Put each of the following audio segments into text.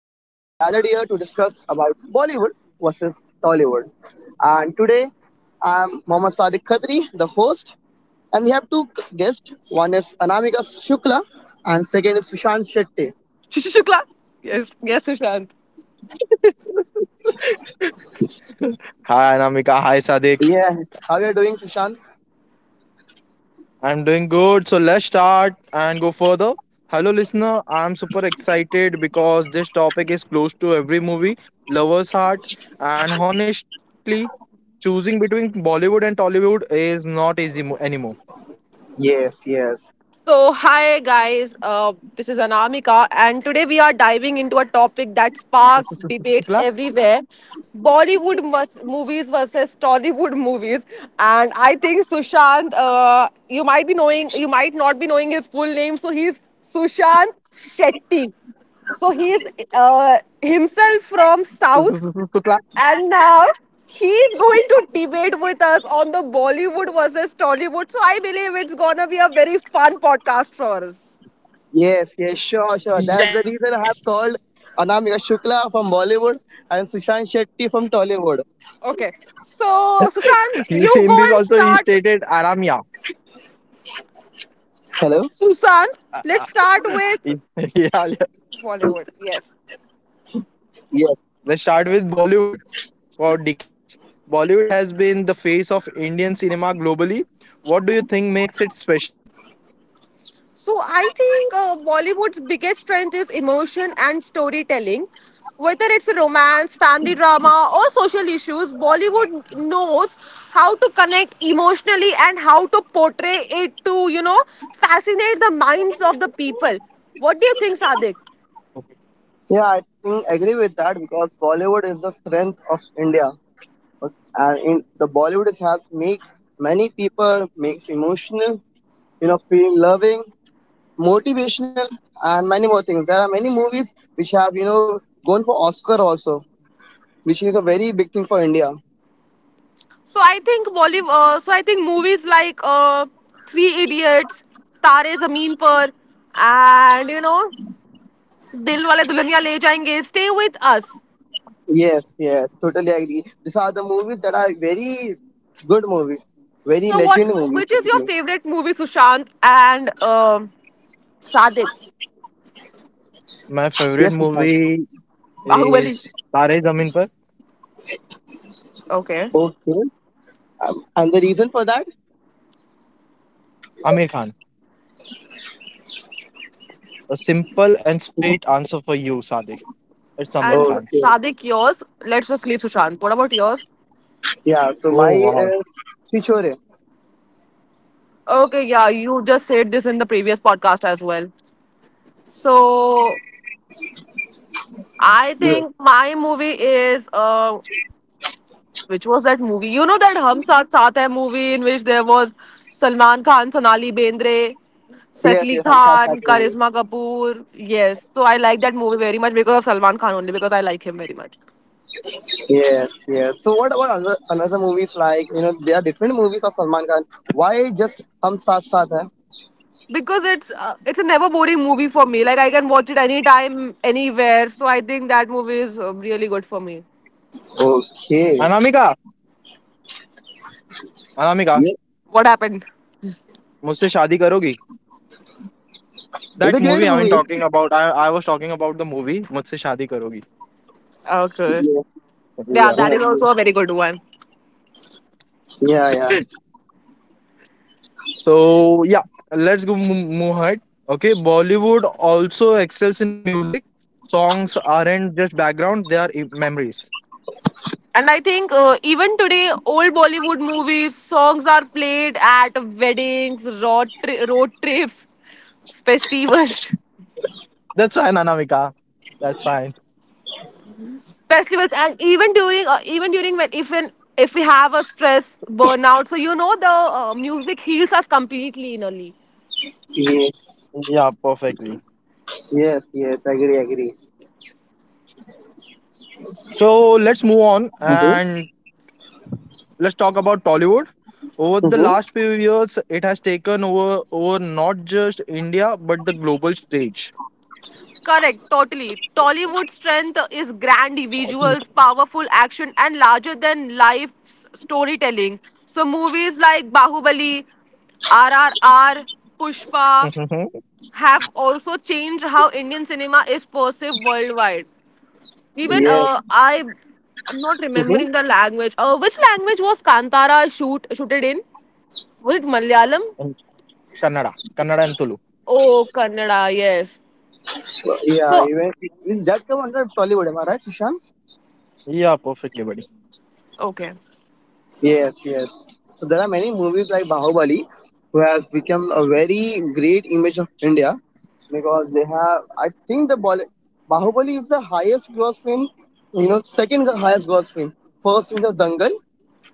to discuss about Bollywood versus Tollywood. And today I'm Mohammad Sadiq Khatri, the host, and we have two guests. One is Anamika Shukla, and second is Sushant Shetty. Shushi Shukla. Yes, yes, Sushant. Hi Anamika, hi Sadik. Yeah, how you are doing, Sushant? I'm doing good, so let's start and go further. Hello, listener. I'm super excited because this topic is close to every movie lover's heart, and honestly, choosing between Bollywood and Tollywood is not easy anymore. Yes, yes, So, hi guys, this is Anamika, and today we are diving into a topic that sparks Shukla? debates everywhere. Bollywood movies versus Tollywood movies. And I think Sushant, you might be knowing, you might not be knowing his full name, so he's Sushant Shetty. So he is himself from South. Shukla? And now he's going to debate with us on the Bollywood versus Tollywood. So I believe it's gonna be a very fun podcast for us. yes, yes. Sure, sure. That's the Yes. reason I have called Anamika Shukla from Bollywood and Sushant Shetty from Tollywood. Okay. So Sushant, you In go this and also he start. stated Aramya. Hello. Sushant, let's start yeah, with yeah. Bollywood. Yes. Yes. Let's start with Bollywood. For decades, Bollywood has been the face of Indian cinema globally. What do you think makes it special? So I think Bollywood's biggest strength is emotion and storytelling. Whether it's romance, family drama, or social issues, Bollywood knows how to connect emotionally and how to portray it to, you know, fascinate the minds of the people. What do you think, Sadik? Oh, Yeah, I think agree with that because Bollywood is the strength of India, and in the Bollywood has make many people makes emotional, feel loving, motivational, and many more things. There are many movies which have gone for Oscar also, which is a very big thing for India. So I think Bollywood. So I think movies like Three Idiots, Tare Zameen Par, and you know, Dil Wale Dulhania Le Jayenge stay with us. Yes, yes, totally agree. These are the movies that are very good movies, very So what? legend movies Which is your basically. favorite movie, Sushant and Sadik? my favorite Yes, Nishant. movie Bahubali. is Tare Zameen Par, Okay. Okay, and the reason for that? Amir Khan. A simple and sweet answer for you, Sadiq. It's Amir And S- Khan. Okay. Sadik, yours. Let's just leave Sushant. What about yours? Yeah, so Oh my wow. Chichore. Okay. Yeah, you just said this in the previous podcast as well. So I Yes, think my movie is which was that movie? You know that Hum Saath Saath Hai movie in which there was Salman Khan, Sonali Bendre, Saif yes, Ali yes. I'm South Khan, movie. Karisma Kapoor. Yes, so I like that movie very much because of Salman Khan only because I like him very much. Yes, yes. So what about another movies like there are different movies of Salman Khan. Why just Hum Saath Saath Hai? Because it's a never boring movie for me. Like I can watch it anytime, anywhere. So I think that movie is really good for me. Okay. Anamika, Anamika, Yes. What happened? मुझसे शादी करोगी? It's That a great movie movie. talking about. I was talking about the movie. मुझसे शादी करोगी? Okay. Yes. Yeah, Yeah. that Yeah. is also a very good one. Yeah. Yeah. So yeah, let's move ahead. Okay, Bollywood also excels in music. Songs aren't just background; they are memories. And I think even today, old Bollywood movies, songs are played at weddings, road, road trips, festivals, That's fine, Anamika. That's fine. festivals, and even during when if an, if we have a stress burnout, so you know the music heals us completely innerly. Yes. Yeah, perfectly. Yes. Yes. Agree. Agree. So let's move on Mm-hmm. and let's talk about Tollywood. Over the Mm-hmm. last few years, it has taken over not just India but the global stage. Correct, totally. Tollywood strength is grand visuals, powerful action, and larger than life storytelling. So movies like Bahubali, R R R, Pushpa, Mhm. have also changed how Indian cinema is perceived worldwide. Even Yes. I am not Mm-hmm. remembering the language. Which language was Kantara shooted in? Was it Malayalam? And Kannada, Kannada and Tulu. Oh, Kannada. Yes. Yeah. So Even that come under Tollywood, am I right, Sushant? Yeah, perfectly, buddy. okay. Yes, yes. So there are many movies like Bahubali who has become a very great image of India because they have, I think the Bahubali is the highest gross film, second highest gross film. First is the Dangal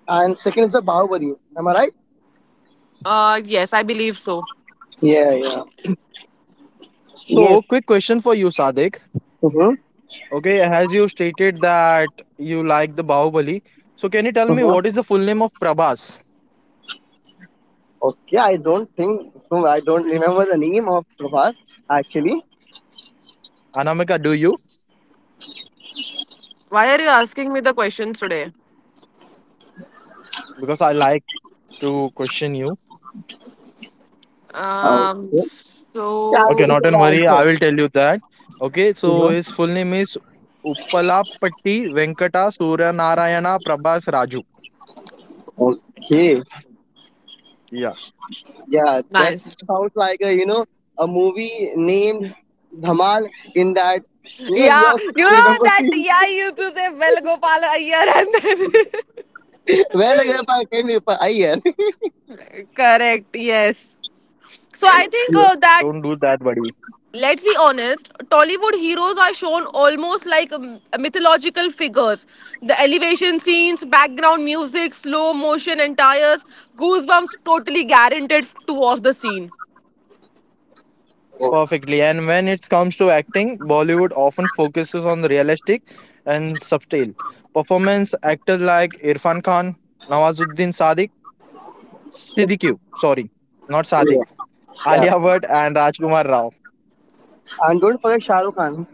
and second is the Bahubali. Am I right? Yes, I believe so. Yeah, yeah. Yes. So, quick question for you, Sadik. Mm-hmm. Okay, as you stated that you like the Bahubali, so can you tell me Mm-hmm. what is the full name of Prabhas? Okay, I don't think, so I don't remember the name of Prabhat actually. Anamika, do you? Why are you asking me the questions today? Because I like to question you. Okay. Yeah, I'm Okay, ready So not for and the worry, I answer. will tell you that. Okay, so You his full name is Uppalapatti Venkata Suryanarayana Prabhas Raju. know. Okay. Yeah, Yeah, that nice. sounds like a you know a movie named Dhamal. In that, you know, Yeah, you you you know remember that. scene Yeah, you used to say "Well, Gopal Iyer," and then where like if I came if I yeah. correct. Yes. So I think don't do that that, buddy. let's be honest, Tollywood heroes are shown almost like mythological figures. The elevation scenes, background music, slow motion entires, goosebumps totally guaranteed to watch the scene. Oh, Perfectly. And when it comes to acting, Bollywood often focuses on the realistic and subtle performance. Actors like Irfan Khan, Nawazuddin Sadiq. Siddiq, sorry, not yeah, Sadiq. yeah, Alia Bhatt and Rajkumar Rao. and don't forget Shah Rukh Khan.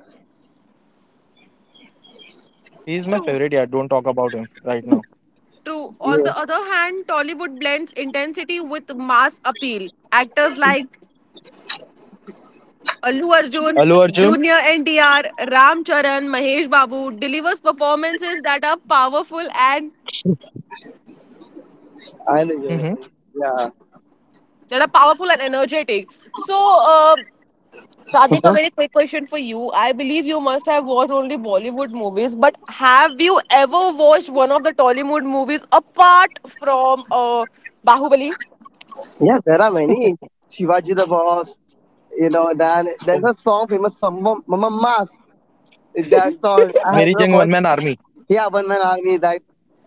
He's my True. favorite. Yeah, don't talk about him right now. True. On Yeah, the other hand, Tollywood blends intensity with mass appeal. Actors like Allu Arjun, Allu Arjun. Junior NTR, Ram Charan, Mahesh Babu delivers performances that are powerful and and yeah, Mm-hmm. yeah, energetic. So uh, Sadik, a very quick question for you. I believe you must have watched only Bollywood movies, but have you ever watched one of the Tollywood movies apart from Bahubali? yeah. There are many Shivaji the Boss. You know, then Oh, there's a song famous song Mama Mask. That song I have Meri never Jang One watched. Man Army. Yeah, One Man Army. That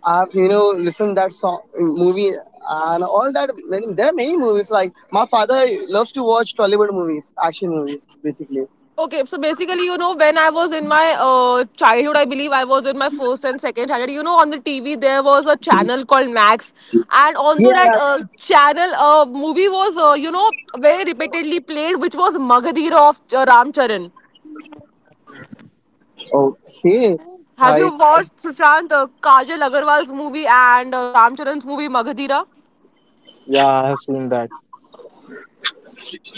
I've listened that song movie and all that. Many, there are many movies. Like my father loves to watch Tollywood movies, action movies, basically. Okay, so basically, you know, when I was in my childhood, I believe I was in my first and second standard. You know, on the TV there was a channel called Max, and onto that Yeah. Channel, a movie was you know very repeatedly played, which was Magadira of Ram Charan. Okay. Have I, you I watched Sushant Kajal Agarwal's movie and Ram Charan's movie Magadira? Yeah, I have seen that.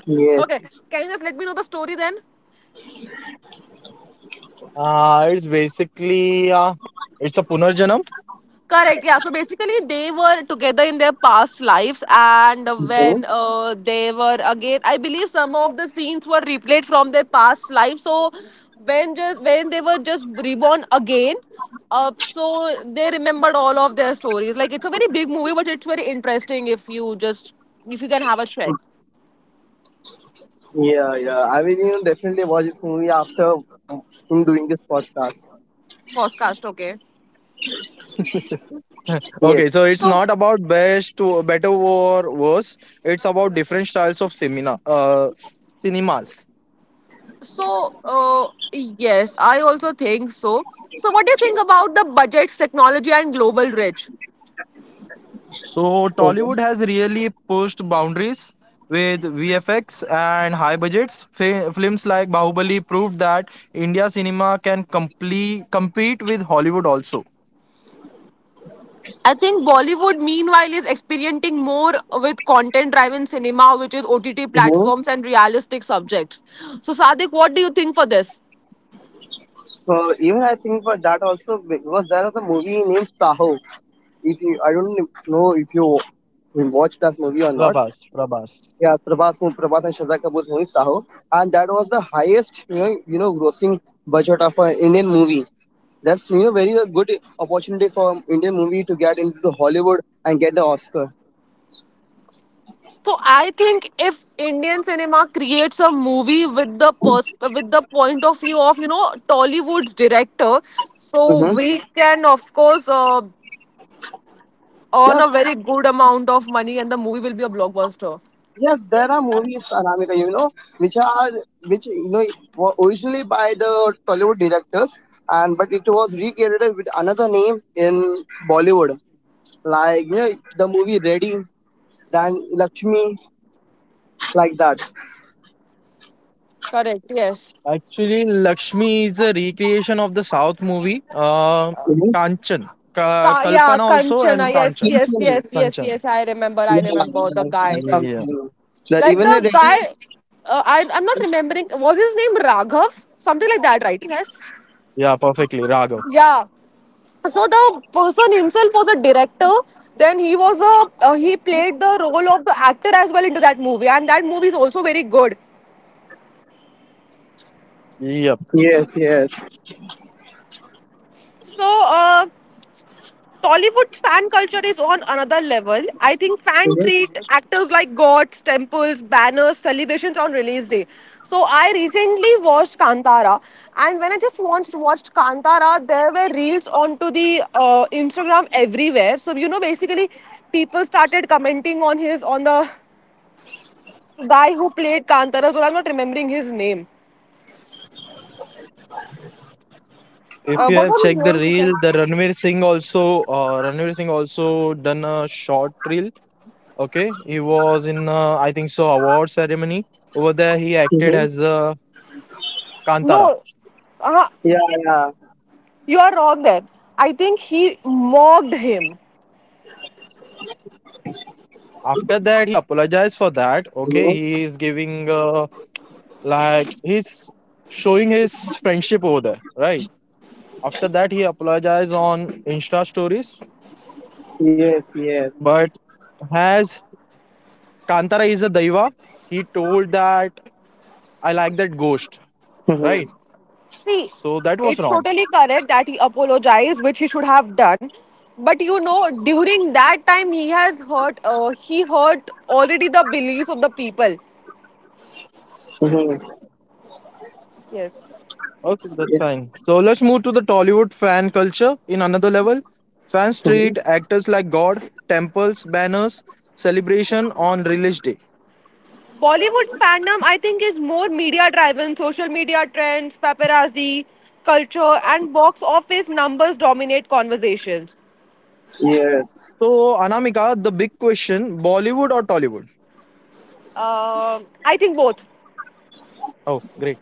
yes. Okay, can you just let me know the story then? It's basically it's a Punarjanam. Correct, yeah. So basically, they were together in their past lives, and when Mhm. They were again, I believe some of the scenes were replayed from their past life. So when they were just reborn again, so they remembered all of their stories. Like it's a very big movie, but it's very interesting if you just if you can have a check Yeah, yeah. I will definitely watch this movie after him doing this podcast. podcast. Okay, Yes. Okay, so it's so not about best, or better or worse. It's about different styles of cinemas. Yes, I also think so. So, what do you think about the budgets, technology, and global reach? So Okay. Tollywood has really pushed boundaries with VFX and high budgets. Films like Bahubali proved that India cinema can compete with Hollywood also. I think Bollywood, meanwhile, is experimenting more with content driven cinema, which is OTT Hmm. platforms and realistic subjects. So, Sadiq, what do you think for this? So even I think for that also because there was a movie named Saho. If you, I don't know if you watched that movie or not. Prabhas, Prabhas. Yeah, Prabhas and Shraddha Kapoor's movie Saho, and that was the highest grossing budget of an Indian movie. That's very a good opportunity for Indian movie to get into the Hollywood and get the Oscar. So I think if Indian cinema creates a movie with the with the point of view of you know Tollywood's director, so Mm-hmm. we can of course earn Yes, a very good amount of money and the movie will be a blockbuster. yes, there are movies, Anamika, which are which were originally by the Tollywood directors, and but it was recreated with another name in Bollywood, like the movie Ready, then Lakshmi, like that. Correct, yes. Actually, Lakshmi is a recreation of the South movie, Kanchan, Yeah, Kalpana also, and Kanchana. Yes, Kanchan. yes, Thinking. yes, yes, Kanchan. yes. I Yeah, yeah, remember the that's guy. what I'm Yeah, saying. That Like even the the guy, ready. I'm not remembering. Was his name Raghav? Something like that, right? Yes. yeah, perfectly, Raghav. Yeah. So the person himself was a director. Then he was a he played the role of the actor as well into that movie, and that movie is also very good. Yep. Yes, yes. So. uh, Tollywood fan culture is on another level. I think fan Mm-hmm. treat actors like gods, temples, banners, celebrations on release day. So I recently watched Kantara, and when I just watched Kantara, there were reels onto the Instagram everywhere. So you know, basically, people started commenting on his on the guy who played Kantara. So I'm not remembering his name. If you What have was his checked the name, Sachin? reel, the Ranveer Singh also done a short reel. Okay, he was in, I think so, award ceremony. Over there, he acted Mm-hmm. as uh, Kantara. No, uh, Yeah, yeah. you are wrong there. I think he mocked him. After that, he apologized for that. Okay, Hmm. he is giving like he's showing his friendship over there, right? After that, he apologized on Insta stories. Yes, yes. But as Kantara is a daiva, he told that I like that ghost, right? hmm See, So that was it's wrong. totally correct that he apologized, which he should have done. But you know, during that time, he has hurt. He hurt already the beliefs of the people. hmm Yes. Okay, that's Yes, fine. So let's move to the Tollywood fan culture in another level. Fan street, actors like God, temples, banners, celebration on release day. Bollywood fandom, I think, is more media driven, social media trends, paparazzi, culture, and box office numbers dominate conversations. yes. So Anamika, the big question, Bollywood or Tollywood? Um, I think both. Oh, great.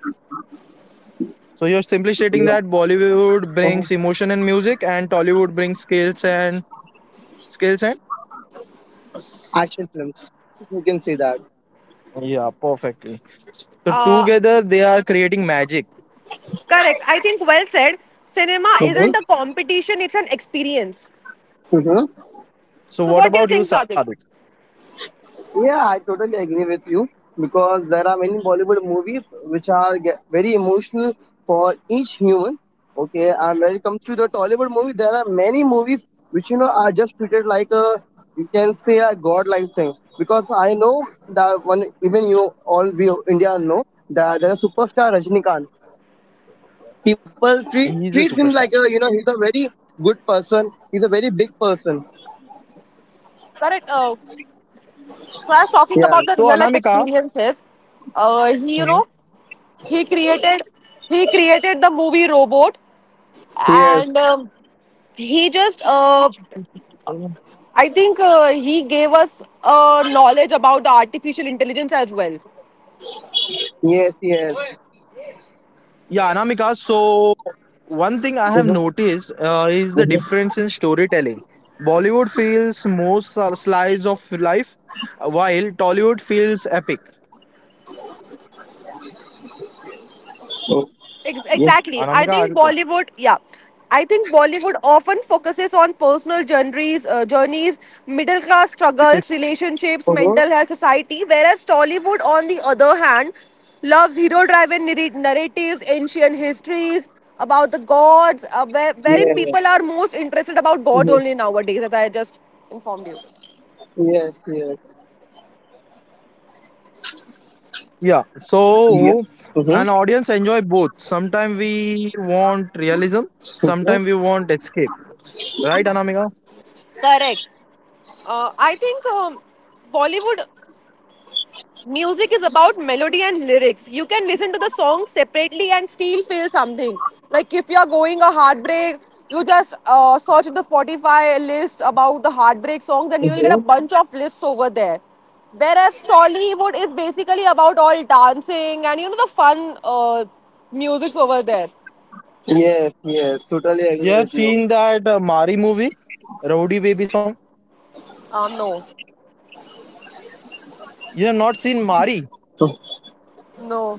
So you're simply stating Yeah. that Bollywood Mhm. brings emotion and music and Tollywood brings skills and Action films. You can see that. yeah, perfectly. So Uh, together they are creating magic. correct. I think well said. Cinema Mm-hmm. isn't a competition, it's an experience. Mm-hmm. So So, what what do you about you, think, Sadik? Sadik? Yeah, I totally agree with you because there are many Bollywood movies which are very emotional for each human. Okay, and when it comes to the Tollywood movie, there are many movies which are just treated like a you can say a godlike thing because I know that one even you all we India know that there is superstar Rajnikant. People treat He treats is him a like a superstar. He's a very good person. He's a very big person. Correct. So I was Yeah. talking about the So real life Anamika, experiences. He, you know, he created he created the movie Robot, Yes. and he just mm. I think he gave us knowledge about the artificial intelligence as well. Yes. Yes. Yeah, Anamika. So one thing I have Mhm. noticed uh, is the difference in storytelling. Bollywood feels more slice of life, while Tollywood feels epic. Mhm. Yes. Exactly. I Anamika, are think you there? Bollywood, yeah. I think Bollywood often focuses on personal journeys, middle class struggles, relationships, Uh-huh. mental health, society, whereas Tollywood, on the other hand, loves hero driven narratives, ancient histories about the gods, wherein Yeah. people are most interested about gods Mm-hmm. only nowadays, as I just informed you. Yes, yes. Yeah. Yeah. So an Mm-hmm. audience enjoy both. Sometimes we want realism, sometimes we want escape. Right, Anamika? Correct. I think Bollywood music is about melody and lyrics. You can listen to the song separately and still feel something. Like if you're going a heartbreak, you just search the Spotify list about the heartbreak songs and you'll Mm-hmm. get a bunch of lists over there. Whereas Tollywood is basically about all dancing and you know the fun musics over there. Yes, yes. Totally You agree have with you. seen that Mari movie, Rowdy Baby song. No, You have not seen Mari. No, no.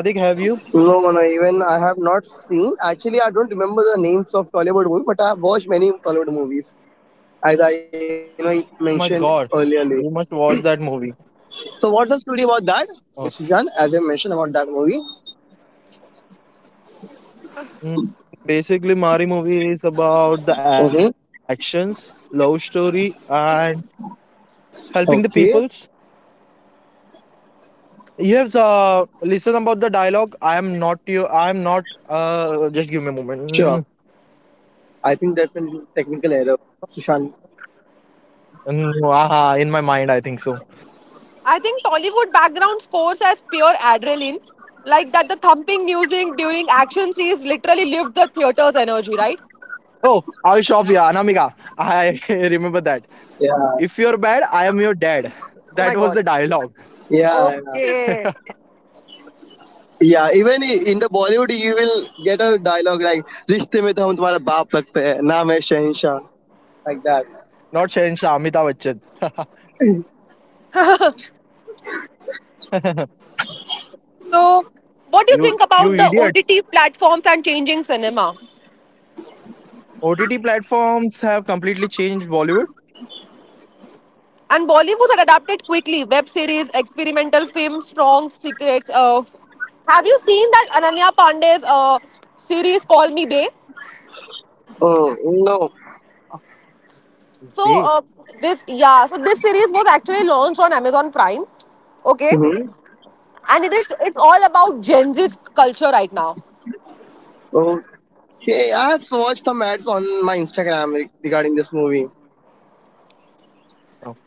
Sadik, have you? no, no, even I have not seen. Actually, I don't remember the names of Tollywood movies, but I have watched many Tollywood movies, as I, Oh my God, mentioned you must earlier. watch that movie. So, what was story about Oh. that? It's Sujan, as I mentioned about that movie. Mm. Basically, Mari movie is about the Mm-hmm. actions, love story, and helping the peoples. Okay, You have listen about the dialogue. I am not you. I am not. Just give me a sure. moment. I think that's a technical error, Sushant. Mm, no, aha, in my mind, I think so. I think Tollywood background scores as pure adrenaline, like that the thumping music during action scenes literally lift the theater's energy, right? Oh, I'll shop you, Anamika. I remember that. Yeah, If you're bad, I am your dad. Oh my That was god. the dialogue, yeah, yeah. Okay. Yeah, even in the Bollywood, you will get a dialogue like "रिश्ते में तो हम तुम्हारा बाप लगते हैं, नाम है शहंशाह," like that. not Shansha Amitabh Bachchan. So, what do you think you about the idiots. OTT platforms and changing cinema? OTT platforms have completely changed Bollywood. And Bollywood had adapted quickly web series, experimental films, strong secrets. Have you seen that Ananya Pandey's series Call Me Bay? Oh, no. So, They, yeah, so this series was actually launched on Amazon Prime. Okay, Hmm. oh, and it's all about Gen Z culture right now. Okay, I have watched some ads on my Instagram regarding this movie. oh.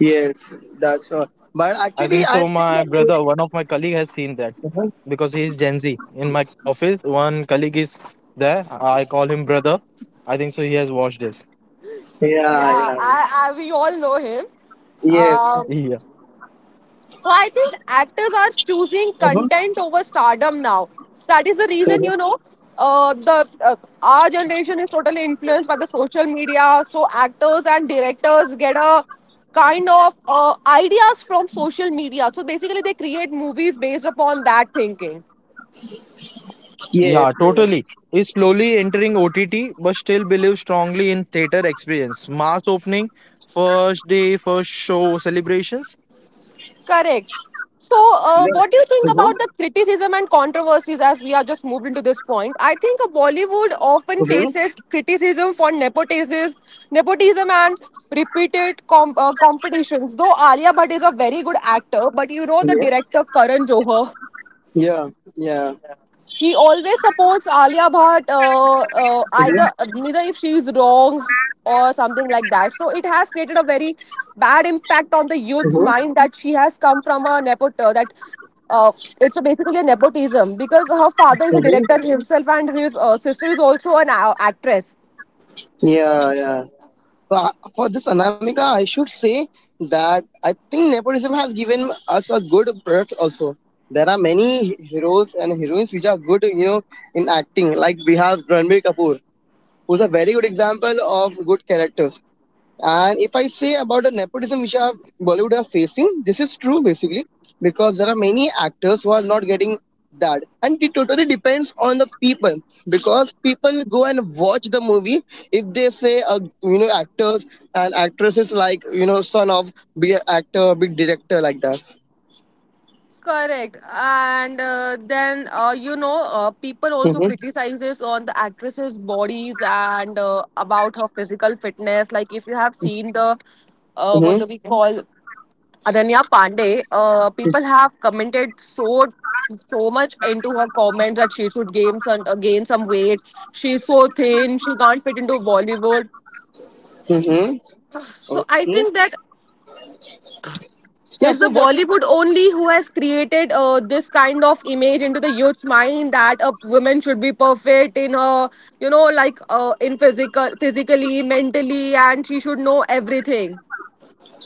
Yes, that's all. But I think so. actually, I My brother, one think. of my colleague, has seen that Uh-huh. because he is Gen Z. In my office, one colleague is there. I call him brother. I think so. He has watched this. Yeah, Yeah, yeah. I we all know him. Yes. Um, Yeah, so I think actors are choosing Uh-huh. content over stardom now. So that is the reason Uh-huh. you know the our generation is totally influenced by the social media. So actors and directors get a kind of ideas from social media. So basically, they create movies based upon that thinking. Yes. yeah, Yes. totally. He's slowly entering OTT, but still believes strongly in theater experience, mass opening, first day, first show celebrations. Correct. So, Yeah. what do you think Uh-huh. about the criticism and controversies as we are just moved into this point? I think Bollywood often Uh-huh. faces criticism for nepotism, nepotism and repeated competitions. Though Alia Bhatt is a very good actor, but you know the Yeah. director Karan Johar Yeah. Yeah. he always supports Alia Bhatt, Uh-huh. either neither if she is wrong or something like that. So it has created a very bad impact on the youth's Uh-huh. mind that she has come from a nepot that uh, it's a basically a nepotism because her father is a director Uh-huh. himself and his sister is also an actress. Yeah. Yeah. So for this Anamika, I should say that I think nepotism has given us a good product also. There are many heroes and heroines which are good, in acting. Like we have Ranbir Kapoor, who's a very good example of good characters. And if I say about the nepotism which our Bollywood are facing, this is true basically because there are many actors who are not getting that, and it totally depends on the people because people go and watch the movie. If they say, actors and actresses like son of big actor, big director like that. Correct. And you know, people also Mm-hmm, criticizes on the actress's bodies and about her physical fitness. Like, if you have seen the, mm-hmm, what do we call, Ananya Pandey, people have commented so much into her comments that she should gain gain some weight. She's so thin. She can't fit into Bollywood. mm-hmm. So I Okay. think that Yeah. it's So the what? Bollywood only who has created this kind of image into the youth's mind that a woman should be perfect in her, in physically, mentally, and she should know everything,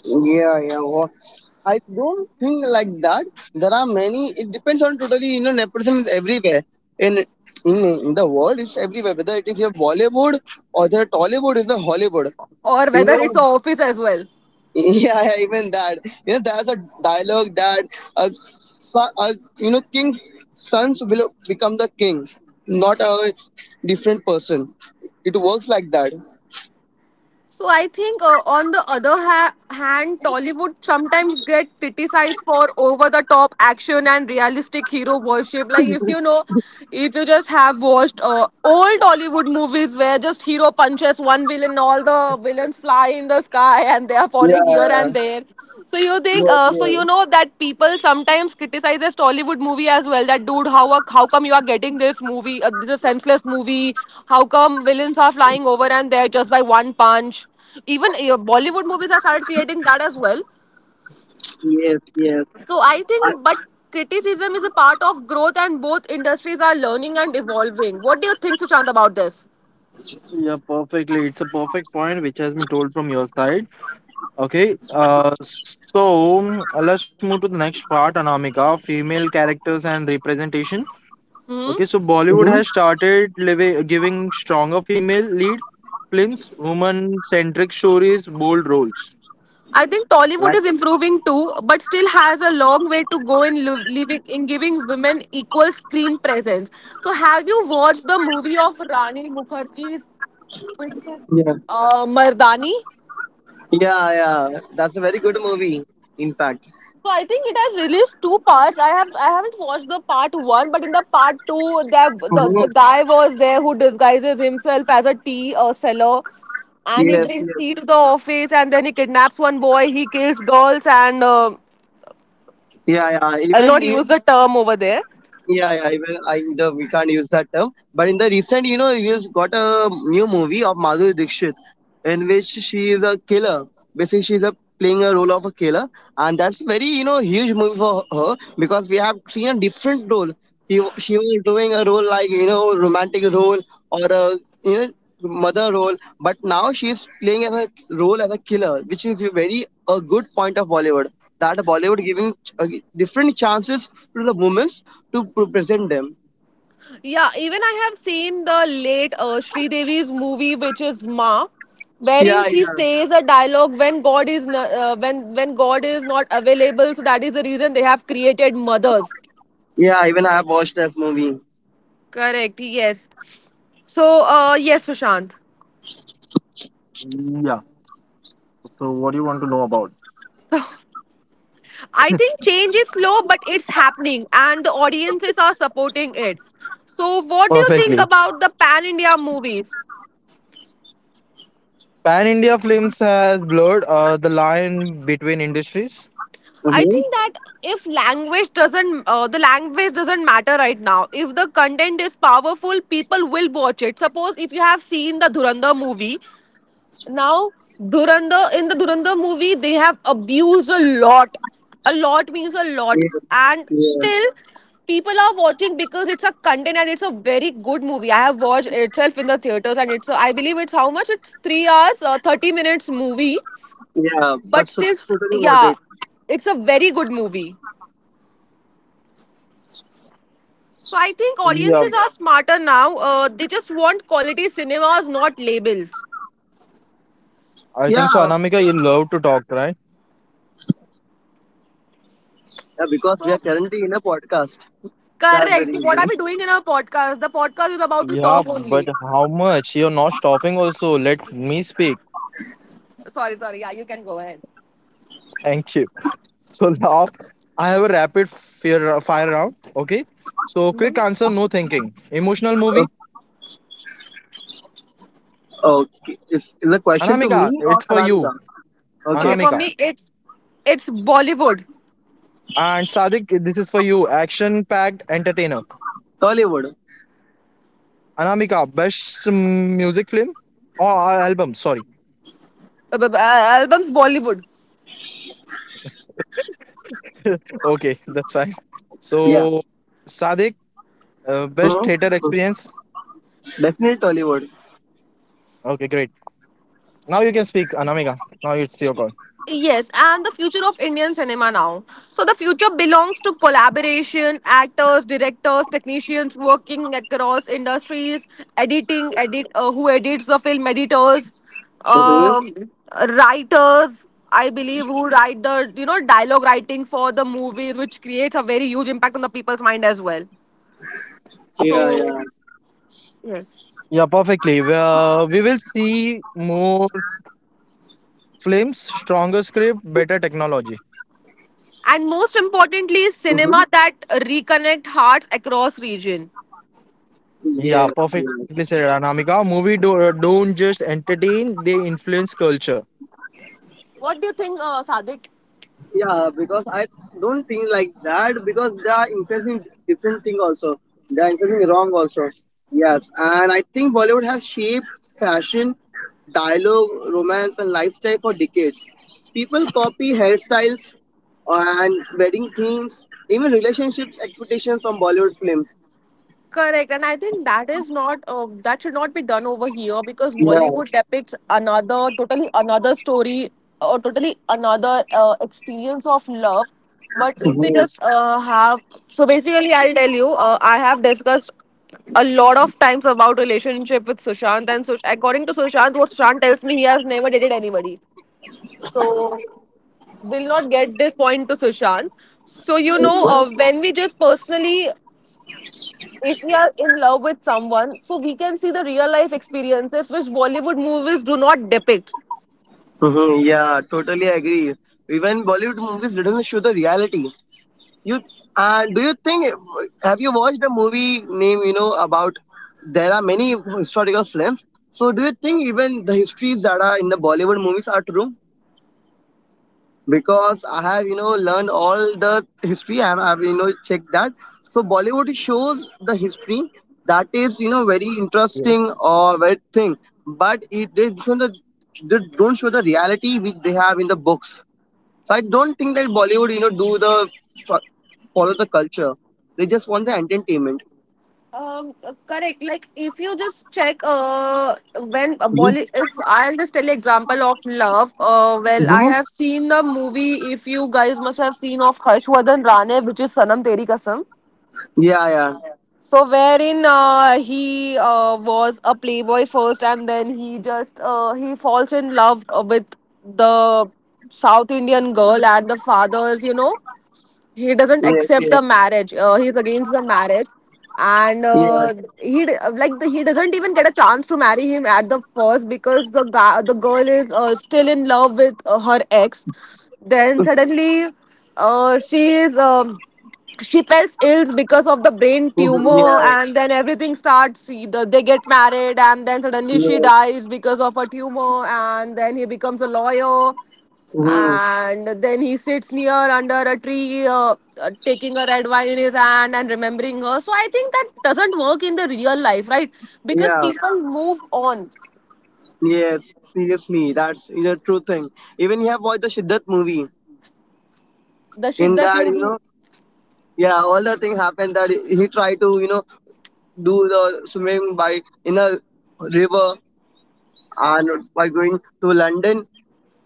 Yeah, yeah. I don't think like that. There are many. It depends on totally. You know, nepotism is everywhere in in the world. It's everywhere. Whether it is your Bollywood or the Tollywood is the Hollywood. or You whether know, it's a office as well. yeah, yeah, even that. You know, there's a dialogue that a, so a king sons will become the king, not a different person. It works like that. So I think, on the other hand, Tollywood sometimes get criticized for over-the-top action and realistic hero worship. Like if you know, if you just have watched old Tollywood movies where just hero punches one villain, all the villains fly in the sky and they are falling here and Yeah. there. So you think, Yes. Yes. That people sometimes criticizes Tollywood movie as well. That dude, how come you are getting this movie, this is a senseless movie? How come villains are flying over and there just by one punch? Even Bollywood movies have started creating that as well. Yes. Yes. So I think, but criticism is a part of growth, and both industries are learning and evolving. What do you think, Sushant, about this? Yeah, perfectly. It's a perfect point which has been told from your side. Okay, let's move to the next part, Anamika, female characters and representation. Okay, so Bollywood has started giving stronger female lead films, woman-centric stories, bold roles. I think Tollywood Like, is improving too, but still has a long way to go in living in giving women equal screen presence. So, have you watched the movie of Rani Mukherjee's Yeah. Mardani? Yeah, yeah, that's a very good movie. In fact, So, I think it has released two parts. I haven't watched the part one, but in the part two, there mhm. the guy was there who disguises himself as a tea seller, and he Yes, brings tea to yes, the office, and then he kidnaps one boy, he kills girls, and yeah, yeah. I'll Even not you. use the term over there. Yeah, yeah, even I the we can't use that term. But in the recent, we've got a new movie of Madhuri Dixit, in which she is a killer. Basically, she's a playing a role of a killer, and that's very huge movie for her because we have seen a different role. She was doing a role like romantic role or a you know mother role, but now she is playing as a role as a killer, which is a very a good point of Bollywood. That Bollywood giving different chances to the women to present them. Yeah, even I have seen the late Sri Devi's movie, which is Ma, Yeah, wherein she yeah, says a dialogue when when God is not available. So that is the reason they have created mothers. yeah. Even I have watched that movie. Correct. Yes. So yes, Sushant. yeah. So, what do you want to know about? So I think change is slow, but it's happening, and the audiences are supporting it. So what do you think Perfectly. about the pan India movies? Pan India Films has blurred the line between industries. I Mm-hmm. think that if language doesn't, the language doesn't matter right now. If the content is powerful, people will watch it. Suppose if you have seen the Duranda movie, now Duranda in the Duranda movie they have abused a lot. A lot means a lot, Yeah, and yeah, still people are watching because it's a content and it's a very good movie. I have watched itself in the theaters, and it's a, I believe it's how much? It's 3 hours or 30 minutes movie, yeah. But but should, still, totally watch yeah, it. it's a very good movie. So I think Yeah, audiences are smarter now. They just want quality cinemas, not labels. I Yeah, think so. Anamika, you love to talk, right? yeah, because we So are currently in a podcast. That's the correct. So what are reason. we doing in our podcast? The podcast is about to Yeah, talk but only. how much? You're not stopping also. Let me speak. Sorry, sorry. Yeah, you can go ahead. Thank you. So now I have a rapid fire round. Okay. So quick answer, no thinking. Emotional Oh, movie. okay. Is the question to Anamika, me or it's for you. Anamika? Okay, Okay. for me, Anamika. it's Bollywood. And Sadik, this is for you. Action packed entertainer. Tollywood. Anamika, best music film or album. Sorry. Albums Bollywood. Okay, that's fine. Yeah. So Sadik, Hmm. best theater experience. Definitely Tollywood. Okay, great. Now you can speak, Anamika. Now it's your call. Yes, and the future of Indian cinema now. So the future belongs to collaboration, actors, directors, technicians working across industries, editing, edit who edits the film, editors, Mm-hmm. um, writers. I believe who write the you know dialogue writing for the movies, which creates a very huge impact on the people's mind as well. Yeah, So yeah. yes, Yeah, perfectly. Well, we will see more. Films, stronger script, better technology. and most importantly, Mm-hmm. cinema that reconnect hearts across region. Yeah, yeah. Yeah, perfectly said, Anamika. Movie don't just entertain; they influence culture. What do you think, Sadik? Yeah, because I don't think like that because they are influencing different thing also. They are influencing wrong also. Yes, and I think Bollywood has shaped fashion, dialogue, romance, and lifestyle for decades. People copy hairstyles and wedding themes, even relationships expectations from Bollywood films. Correct, and I think that is not that should not be done over here because Yeah, Bollywood depicts another totally another story or totally another experience of love. But if we mhm, just have so basically, I'll tell you, I have discussed a lot of times about relationship with Sushant, and according to Sushant, what Sushant tells me, he has never dated anybody. So will not get this point to Sushant. So you know, when we just personally if we are in love with someone, so we can see the real life experiences which Bollywood movies do not depict. mhm, yeah, totally agree. Even Bollywood movies doesn't show the reality. You Do you think? Have you watched a movie name? You know about there are many historical films. So do you think even the histories that are in the Bollywood movies are true? Because I have learned all the history and I've checked that. So Bollywood shows the history Hmm. that is very interesting Yes. or very thing, but it they show the they don't show the reality which they have in the books. So I don't think that Bollywood, do the follow the culture. They just want the entertainment. Correct. Like if you just check, Mhm. If I'll just tell you example of love. Well, I Mhm. have seen the movie. If you guys must have seen of Harshvardhan Rane, which is Sanam Teri Kasam. Yeah, yeah, So wherein he was a playboy first, and then he falls in love with the South Indian girl and the father's, you know, he doesn't yes, accept yes, the marriage. He's against the marriage, yeah, and he d- like the, he doesn't even get a chance to marry him at the first because the girl is still in love with her ex. Then suddenly, she is. She felt ill because of the brain mhm, tumor yeah, and then everything starts. See, they get married and then suddenly she yes, dies because of a tumor, and then he becomes a lawyer hmm, and then he sits near under a tree taking a red wine in his hand and remembering her. So I think that doesn't work in the real life, right? Because yeah, people move on. yes. Seriously, that's true thing. Even you have watched the Shiddat movie. The In that, Shiddat movie, all the thing happened that he tried to do the swimming by in a river and by going to London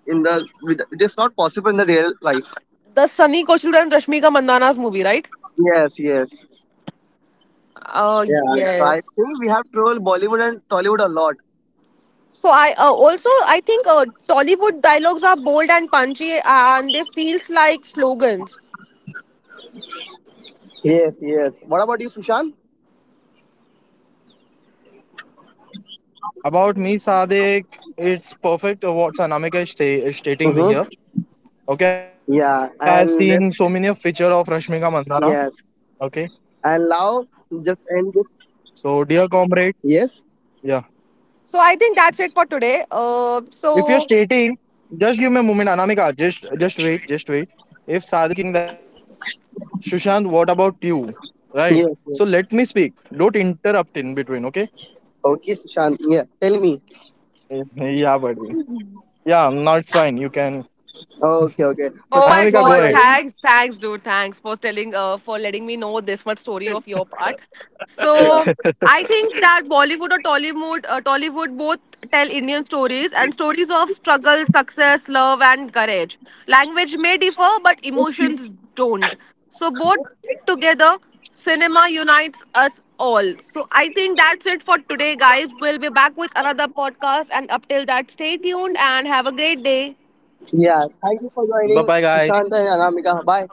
in the with, it is not possible in the real life. the Sunny Koshal and Rashmika Mandana's movie, right? Yes, yes. Oh, Yeah, so I yes. think we have traveled Bollywood and Tollywood a lot. So I also I think Tollywood dialogues are bold and punchy and they feels like slogans. Yes, yes. What about you, Sushant? About me, Sadek, it's perfect what Anamika Mm-hmm. Is stating here. Yeah, Okay, I have and let's seen so many a feature of Rashmika Mandana. yes, Okay, and now just end this. so dear comrade, Yes, yeah. So I think that's it for today. If you're stating, just give me a moment, Anamika. Just wait, just wait. If Sadek, you're stating that, Sushant, what about you? Right. yes, yes. So let me speak. Don't interrupt in between. Okay. Okay, Sushant. Yeah, tell me. Yeah, buddy. Yeah, now it's fine. You can. Okay, okay. So Oh my thank you for Anamika, go god, ahead. joining. thanks, thanks, dude. Thanks for telling for letting me know this much story of your part. Yeah, So I think that Bollywood or Tollywood both tell Indian stories and stories of struggle, success, love and courage. Language may differ, but emotions don't. So both together, cinema unites us all. So I think that's it for today, guys. We'll be back with another podcast and up till that stay tuned and have a great day. yeah. Thank you for Bye joining, bye, guys. Sushant and Anamika. Bye.